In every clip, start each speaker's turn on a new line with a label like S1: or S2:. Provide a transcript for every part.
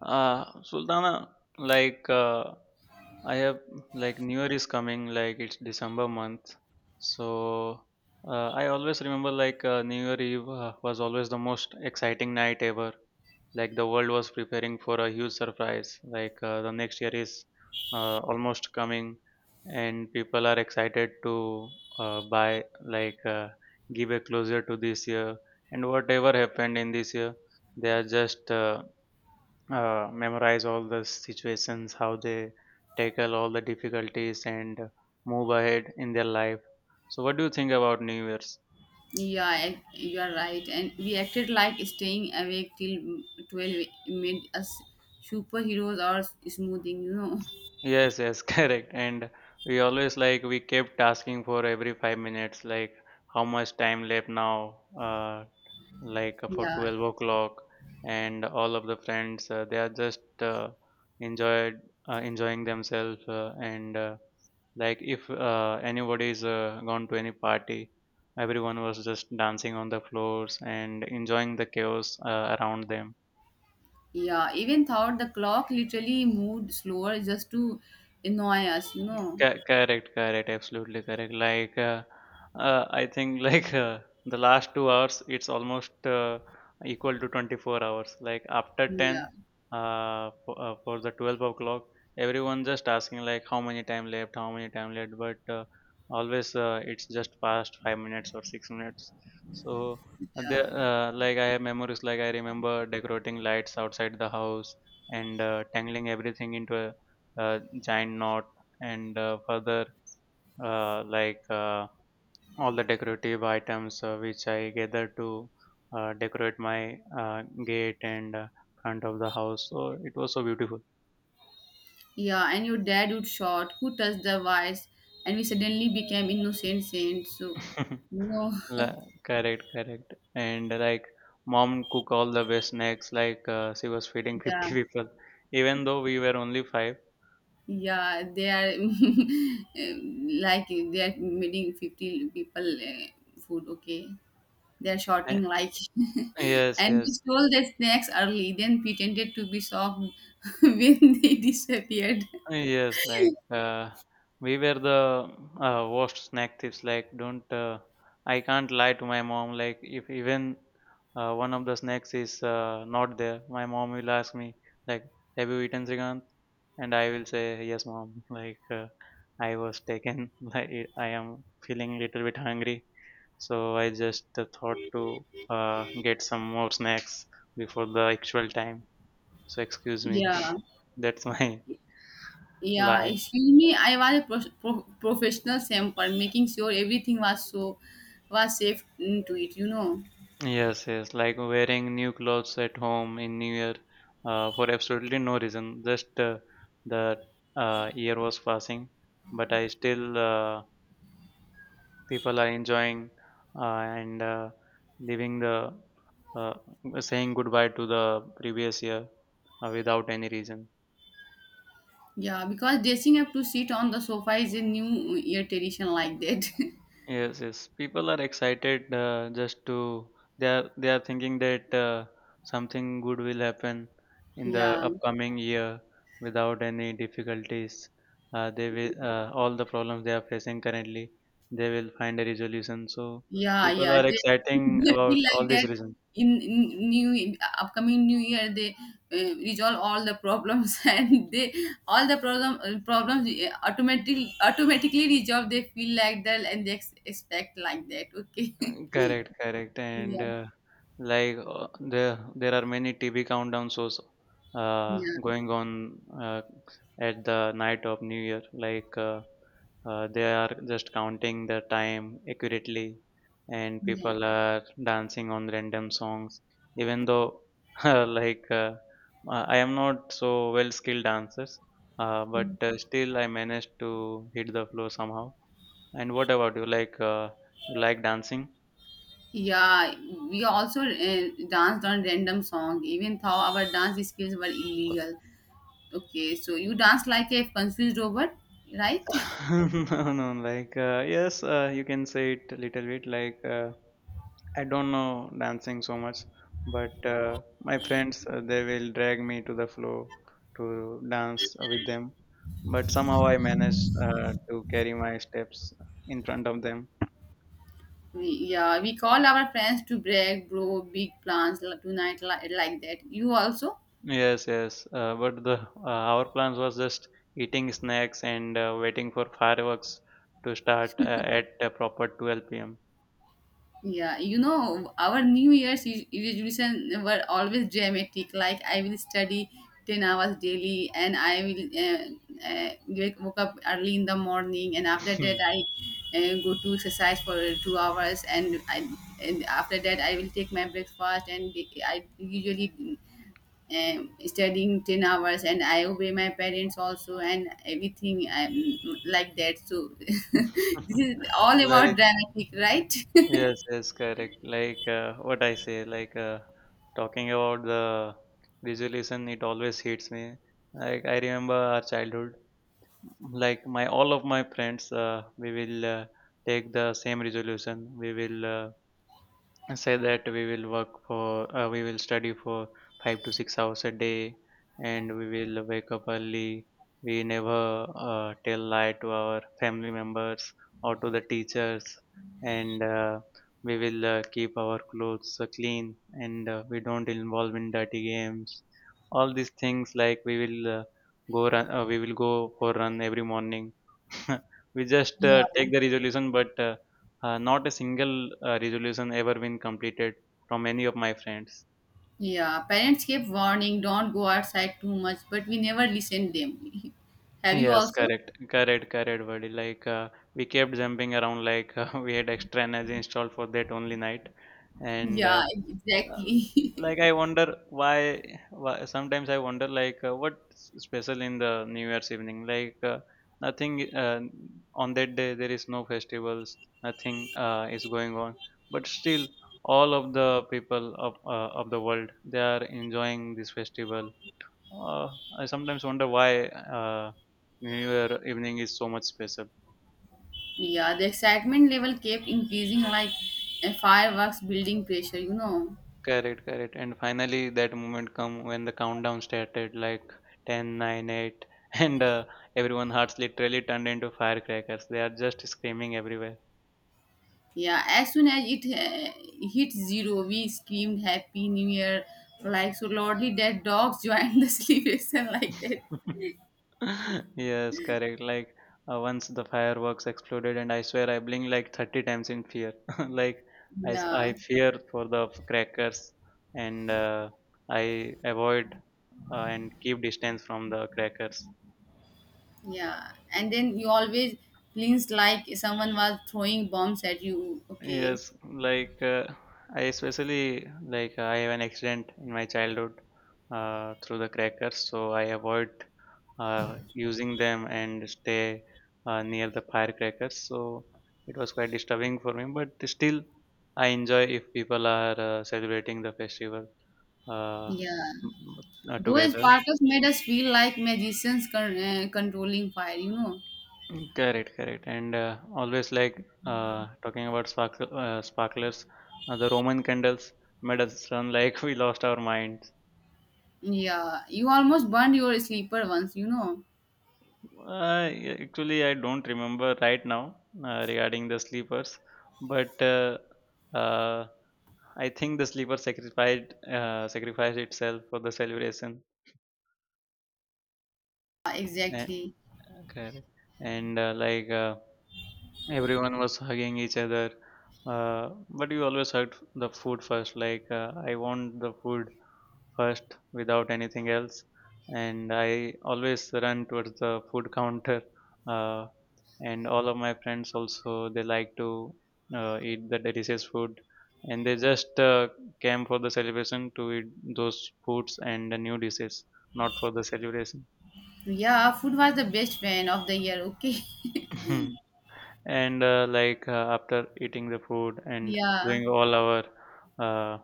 S1: Sultana, like I have like New Year is coming, like it's December month. So I always remember like New Year Eve was always the most exciting night ever. Like the world was preparing for a huge surprise. Like the next year is almost coming, and people are excited to buy, like give a closure to this year. And whatever happened in this year, they are just memorize all the situations, how they tackle all the difficulties and move ahead in their life. So, what do you think about New Year's?
S2: You are right. And we acted like staying awake till 12 made us superheroes or smoothing,
S1: Yes, yes, correct. And we always like we kept asking for every 5 minutes, like how much time left now, like for
S2: Yeah,
S1: 12 o'clock, and all of the friends they are just enjoyed enjoying themselves, and, like if anybody is gone to any party, everyone was just dancing on the floors and enjoying the chaos around them.
S2: yeah. Even thought the clock literally moved slower just to annoy us,
S1: Co correct, correct, absolutely correct. Like, I think like the last 2 hours, it's almost equal to 24 hours. Like after
S2: Yeah,
S1: 10, for the 12 o'clock, everyone just asking like how many time left, how many time left, but always it's just past 5 minutes or 6 minutes. So like I have memories. Like I remember decorating lights outside the house and tangling everything into a giant knot, and further like all the decorative items which I gather to decorate my gate and front of the house. So it was so beautiful.
S2: yeah. And your dad would shout, Who touched the wires? And we suddenly became innocent saints. You know,
S1: La- Correct, correct. And like mom cook all the best snacks. Like she was feeding
S2: yeah.
S1: 50 people, even though we were only five.
S2: Yeah, they are like they are meeting 50 people food, okay? They are
S1: Eh,
S2: shouting like,
S1: Yes,
S2: and we
S1: yes.
S2: stole their snacks early, then pretended to be shocked when they disappeared.
S1: Yes, like we were the worst snack thieves. Like, don't, I can't lie to my mom. Like, if even one of the snacks is not there, my mom will ask me like, "Have you eaten Srikant?" And I will say, "Yes, mom." Like, I was taken. Like, I am feeling little bit hungry, so I just thought to get some more snacks before the actual time. So excuse me.
S2: Yeah,
S1: That's my
S2: yeah.
S1: lie.
S2: Excuse me, I was a professional samper, making sure everything was so was safe into it,
S1: Yes, yes, like wearing new clothes at home in New Year for absolutely no reason. Just the year was passing, but I still people are enjoying and leaving the uh, saying goodbye to the previous year without any reason.
S2: Yeah, because dressing up to sit on the sofa is a new year tradition like that.
S1: Yes, yes. People are excited just to they are thinking that something good will happen in the
S2: yeah.
S1: upcoming year without any difficulties. They will all the problems they are facing currently they will find a resolution. So
S2: Yeah,
S1: people
S2: yeah.
S1: are exciting
S2: They
S1: about
S2: feel
S1: all
S2: like
S1: these
S2: that
S1: reasons.
S2: in new in upcoming new year they resolve all the problems and they all the problem problems automatically resolve. They feel like that and they expect like that. Okay.
S1: Correct, correct, and
S2: yeah.
S1: like there are many TV countdown shows
S2: Yeah.
S1: going on uh, at the night of New Year. Like they are just counting the time accurately, and
S2: Yeah.
S1: people are dancing on random songs. Even though like I am not so well skilled dancers, but still I managed to hit the floor somehow. And what about you? Like you like dancing?
S2: Yeah, we also danced on random song, even though our dance skills were illegal. Okay, so you dance like a confused robot, right?
S1: No, no, like, yes, you can say it a little bit. Like, I don't know dancing so much, but my friends, they will drag me to the floor to dance with them. But somehow I manage to carry my steps in front of them.
S2: Yeah, we call our friends to break, bro, big plans tonight, like that. You also?
S1: Yes, yes. But the Our plans was just eating snacks and waiting for fireworks to start at a proper 12 p.m.
S2: Yeah, you know, our New Year's resolution were always dramatic. Like I will study 10 hours daily, and I will wake woke up early in the morning, and after that I go to exercise for 2 hours, and I and after that I will take my breakfast, and I usually studying 10 hours and I obey my parents also and everything like that so this is all about
S1: Like,
S2: dramatic right
S1: yes, yes, correct. Like what I say, like talking about the resolution, it always hits me. Like I remember our childhood. Like my all of my friends, we will take the same resolution. We will say that we will study for 5 to 6 hours a day, and we will wake up early, we never tell lie to our family members or to the teachers, and we will keep our clothes clean, and we don't involve in dirty games, all these things like we will go run we will go for run every morning. We just take the resolution, but not a single resolution ever been completed from any of my friends.
S2: Yeah, parents kept warning, don't go outside too much, but we never listened them. Have you
S1: Yes,
S2: also?
S1: correct, correct, correct, buddy. Like we kept jumping around, like we had extra energy installed for that only night. And
S2: Yeah,
S1: Um,
S2: exactly.
S1: like I wonder why sometimes I wonder like what's special in the New Year's evening, like nothing, on that day there is no festivals, nothing is going on, but still all of the people of the world, they are enjoying this festival. uh, I sometimes wonder why New Year evening is so much special.
S2: yeah, the excitement level kept increasing like a fireworks building pressure,
S1: Correct, correct. And finally, that moment come when the countdown started, like ten, nine, 8, and everyone hearts literally turned into firecrackers. They are just screaming everywhere.
S2: Yeah, as soon as it hit zero, we screamed Happy New Year, like so loudly that dogs joined the celebration like that.
S1: Yes, correct. Like once the fireworks exploded, and I swear I blinked like 30 times in fear. Like I, s-
S2: Yeah,
S1: I fear for the crackers, and I avoid and keep distance from the crackers.
S2: yeah. And then you always cleans like someone was throwing bombs at you. Okay.
S1: Yes, like I especially like I have an accident in my childhood through the crackers, so I avoid using them and stay near the firecrackers. So it was quite disturbing for me, but still I enjoy if people are celebrating the festival uh,
S2: Yeah. Those
S1: together.
S2: sparkles made us feel like magicians controlling fire,
S1: Mm. Correct, correct. And always like talking about sparklers, the Roman candles made us run like we lost our minds.
S2: Yeah, you almost burned your sleeper once,
S1: Yeah, actually, I don't remember right now regarding the sleepers, but uh, I think the sleeper sacrificed itself for the celebration. Eh,
S2: Exactly.
S1: Correct. And everyone was hugging each other, uh, but you always hugged the food first, like I want the food first without anything else, and I always run towards the food counter, uh, and all of my friends also, they like to eat the delicious food, and they just came for the celebration to eat those foods and the new dishes, not for the celebration.
S2: Yeah, food was the best fan of the year, okay?
S1: And like after eating the food and
S2: Yeah,
S1: doing all our uh,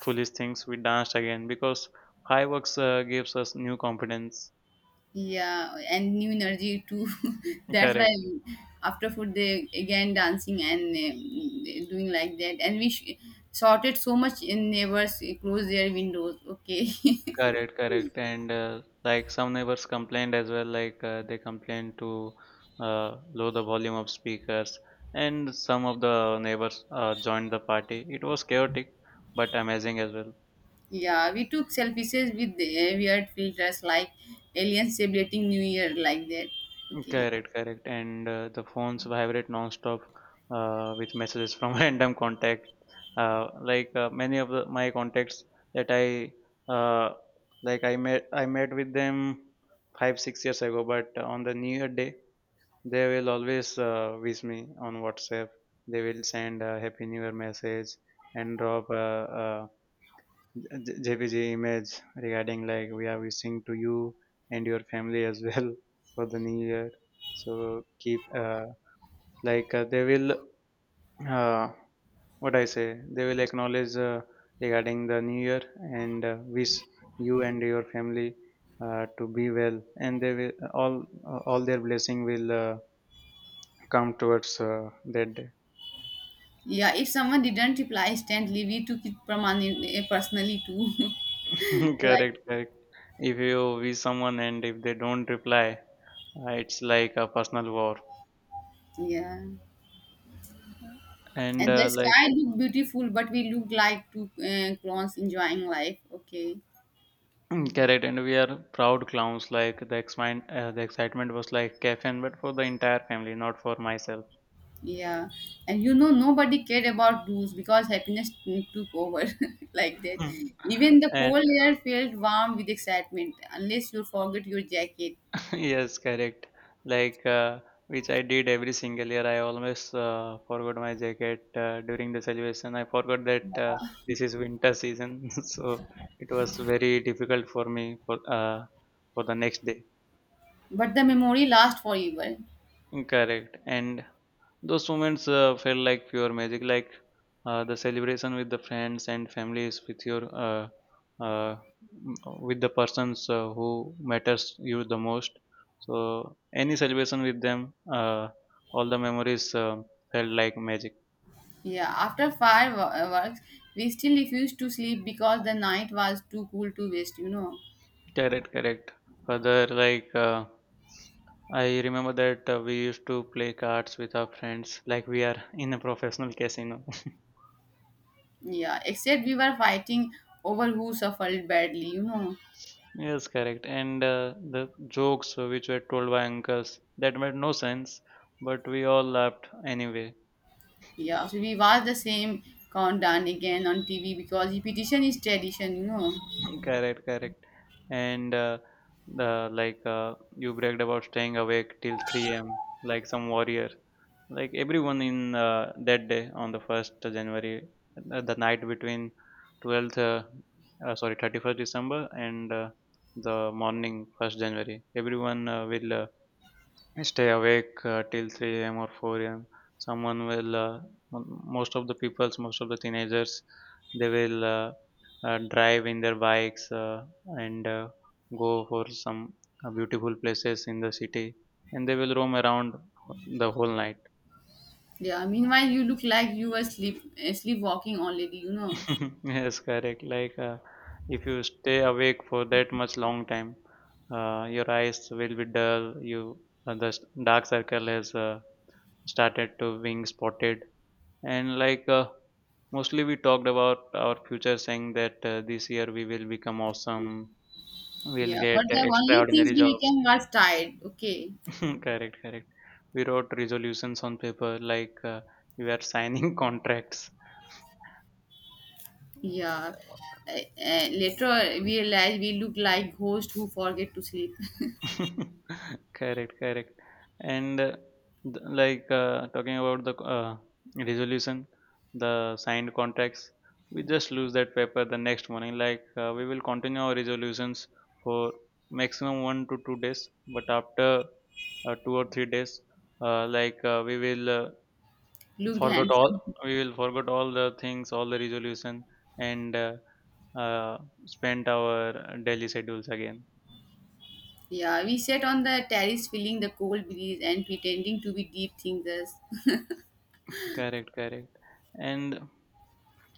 S1: foolish things, we danced again because fireworks gives us new confidence.
S2: yeah, and new energy too. That's why
S1: Correct,
S2: after food they again dancing and doing like that. And we shouted so much in neighbors close their windows, okay?
S1: correct, correct, and like some neighbors complained as well, like they complained to lower the volume of speakers, and some of the neighbors joined the party. It was chaotic but amazing as well.
S2: Yeah, we took selfies with the weird filters like aliens celebrating New Year like that. Okay.
S1: Correct, correct. And the phones vibrate non-stop with messages from random contacts. Like many of my contacts that I uh, like, I met with them 5, 6 years ago. But on the New Year day, they will always wish me on WhatsApp. They will send a Happy New Year message and drop a JPG image, regarding like we are wishing to you and your family as well, for the new year. So keep like they will uh, what I say, they will acknowledge, regarding the new year, and wish you and your family, to be well, and they will, all their blessing will come towards that day.
S2: Yeah, if someone didn't reply instantly, we took it permanent, personally too. like,
S1: Correct, correct. If you wish someone and if they don't reply, it's like a personal war.
S2: yeah.
S1: And
S2: And the
S1: like,
S2: sky looked beautiful, but we looked like two clones enjoying life. Okay.
S1: correct, and we are proud clowns. Like the excitement was like caffeine, but for the entire family, not for myself.
S2: Yeah. And you know, nobody cared about rules because happiness took over like that. Even the
S1: And
S2: cold air felt warm with excitement, unless you forget your jacket.
S1: yes, correct. Like which I did every single year. I always forgot my jacket during the celebration. I forgot that this is winter season, so it was very difficult for me for the next day.
S2: But the memory lasts forever.
S1: Correct. And those moments felt like pure magic, like the celebration with the friends and families, uh, m- with the persons who matters you the most. So any celebration with them, all the memories felt like magic.
S2: Yeah, after fireworks, we still refused to sleep because the night was too cool to waste,
S1: Correct, correct. Further, like I remember that we used to play cards with our friends, like we are in a professional casino.
S2: Yeah, except we were fighting over who suffered badly,
S1: Yes, correct. And the jokes which were told by uncles that made no sense, but we all laughed anyway.
S2: Yeah, so we watched the same countdown again on TV because repetition is tradition,
S1: Correct, correct. And the like you bragged about staying awake till 3 a.m. like some warrior. Like everyone in that day on the first January, the night between 12th, sorry, 31st December, and the morning first January. Everyone will, I stay awake till 3 a.m. or 4 a.m. Someone will, most of the peoples, most of the teenagers, they will drive in their bikes and go for some beautiful places in the city, and they will roam around the whole night.
S2: Yeah, meanwhile you look like you were sleepwalking already,
S1: Yes, correct. Like if you stay awake for that much long time, your eyes will be dull. Uh, the s- Dark circle has started to being spotted. And like mostly we talked about our future, saying that this year we will become awesome, we'll
S2: Yeah,
S1: get
S2: but the only things
S1: extraordinary
S2: we
S1: jobs.
S2: became was tired. Okay.
S1: Correct, correct. We wrote resolutions on paper, like we were signing contracts.
S2: Yeah. Uh, Later we realized we looked like ghosts who forget to sleep.
S1: Correct, correct. And like talking about the resolution, the signed contracts, we just lose that paper the next morning. Like we will continue our resolutions for maximum 1 to 2 days, but after 2 or 3 days, we will
S2: looked
S1: forget all
S2: handsome.
S1: we will forget all the things, all the resolution, and uh, spend our daily schedules again.
S2: Yeah, we sat on the terrace feeling the cold breeze and pretending to be deep thinkers.
S1: Correct, correct. And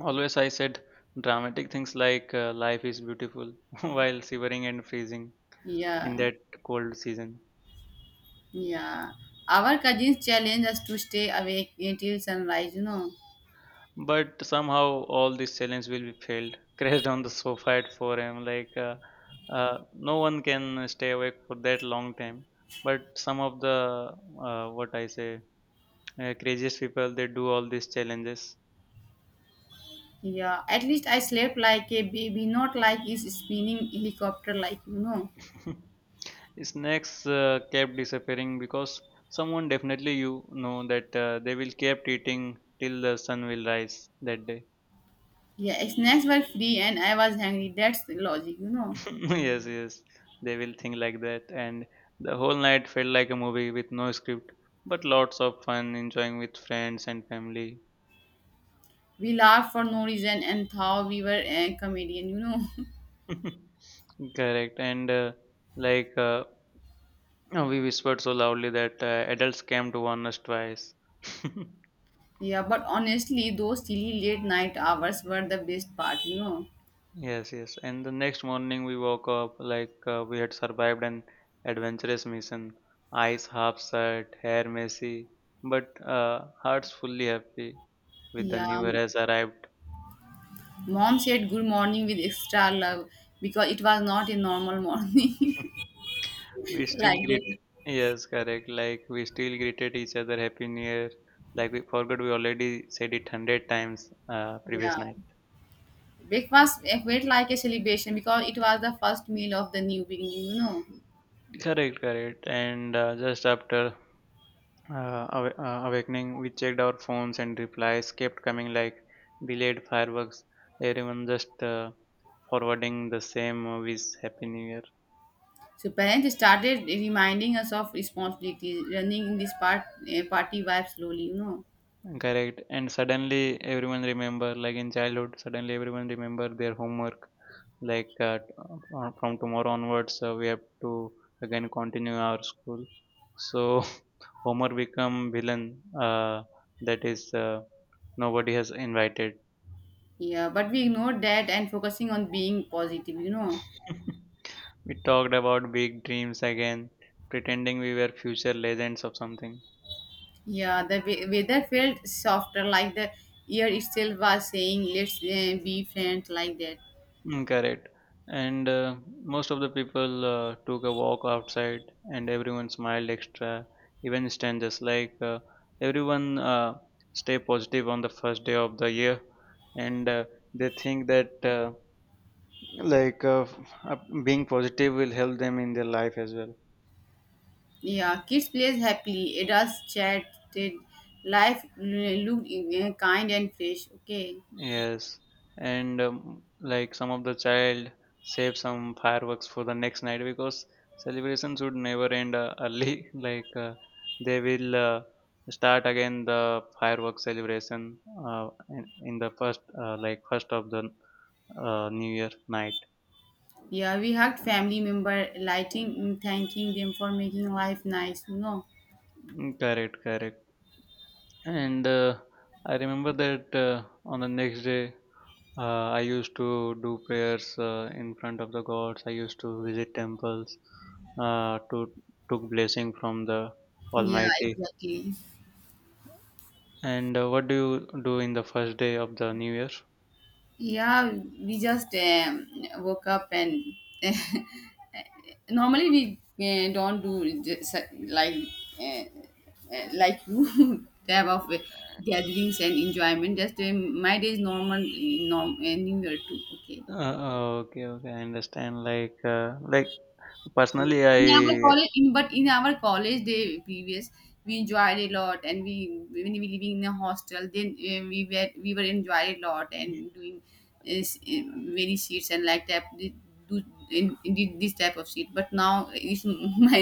S1: always I said dramatic things like life is beautiful while shivering and freezing in
S2: Yeah,
S1: that cold season.
S2: yeah. Our cousins challenged us to stay awake until sunrise,
S1: But somehow all these challenges will be failed. Crashed on the sofa at 4 a.m. Like no one can stay awake for that long time. But some of the what I say craziest people, they do all these challenges.
S2: Yeah, at least I slept like a baby, not like it's spinning helicopter,
S1: Snacks kept disappearing because someone definitely you know that they will kept eating till the sun will rise that day.
S2: Yeah, snacks were free and I was hungry. That's the logic,
S1: Yes, yes, they will think like that. And the whole night felt like a movie with no script, but lots of fun, enjoying with friends and family.
S2: We laughed for no reason and thought we were a comedian,
S1: Correct, and like we whispered so loudly that adults came to warn us twice.
S2: yeah, but honestly, those silly late night hours were the best part,
S1: Yes, yes. And the next morning we woke up like we had survived an adventurous mission. Eyes half shut, hair messy, but hearts fully happy with the
S2: Yeah,
S1: new year has arrived.
S2: mom said good morning with extra love because it was not a normal morning.
S1: We still
S2: like
S1: greet.
S2: that.
S1: Yes, correct. Like we still greeted each other Happy New Year. Like we forgot we already said it hundred times previous
S2: Yeah,
S1: night.
S2: breakfast felt like a celebration because it was the first meal of the new beginning,
S1: Correct, correct. And just after awakening, we checked our phones and replies kept coming like delayed fireworks. Everyone just forwarding the same wish, Happy New Year.
S2: So parents started reminding us of responsibilities, running in this part, party vibe slowly,
S1: Correct. And suddenly everyone remember, like in childhood, suddenly everyone remember their homework. Like from tomorrow onwards, we have to again continue our school. So Homer become villain. That is nobody has invited.
S2: Yeah, but we ignored that and focusing on being positive,
S1: We talked about big dreams again, pretending we were future legends of something.
S2: Yeah, the weather felt softer, like the year itself was saying, let's be friends, like that.
S1: Mm, correct. And most of the people took a walk outside, and everyone smiled extra, even strangers. Like everyone stay positive on the first day of the year, and they think that like uh, f- uh, being positive will help them in their life as well.
S2: Yeah, kids played happily, adults chatted, life looked kind and fresh, okay.
S1: Yes, and like some of the child save some fireworks for the next night because celebration should never end early. Like they will start again the fireworks celebration in the first like first of the New Year night.
S2: Yeah, we hugged family member, lighting, mm, thanking them for making life nice,
S1: Mm, correct, correct. And I remember that on the next day, I used to do prayers in front of the gods. I used to visit temples to took blessing from the
S2: Yeah,
S1: Almighty.
S2: exactly.
S1: And what do you do in the first day of the New Year?
S2: Yeah, we just woke up and normally we don't do uh, like you type of gatherings and enjoyment just my day is normal new year too okay
S1: Okay, okay, I understand. Like personally, I—
S2: in our college in but in our college day previous we enjoyed a lot and we when we living in a hostel then we were enjoyed a lot and doing many seats and like that do in this type of seat but now it's my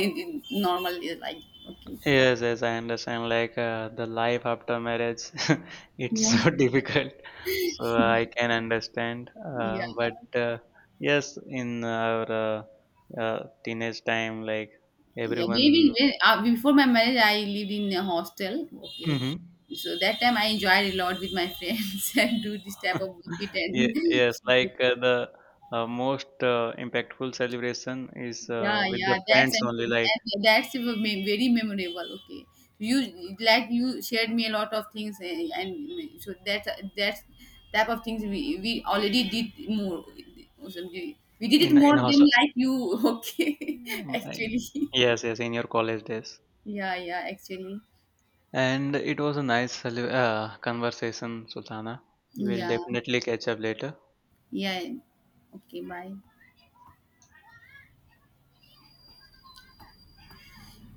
S2: normal is like okay
S1: yes, yes, I understand. Like the life after marriage, it's so
S2: Yeah,
S1: difficult. So I can understand.
S2: yeah,
S1: But yes, in our teenage time, like
S2: yeah.
S1: everyone.
S2: Maybe when, before my marriage, I lived in a hostel. Okay,
S1: Hmm.
S2: so that time I enjoyed a lot with my friends and do this type of work and
S1: Yes, like the most impactful celebration is
S2: yeah,
S1: with
S2: yeah.
S1: the
S2: That's
S1: friends only,
S2: amazing
S1: like
S2: and that's a very memorable. Okay, you like you shared me a lot of things and so that's type of things we already did more. Also, we did it
S1: in
S2: more than
S1: hostel.
S2: like you. Okay,
S1: Mm, I-
S2: actually,
S1: Yes, yes, in your college days.
S2: yeah, actually.
S1: And it was a nice conversation, Sultana. We'll
S2: Yeah.
S1: definitely catch up later.
S2: Yeah. Okay. Bye.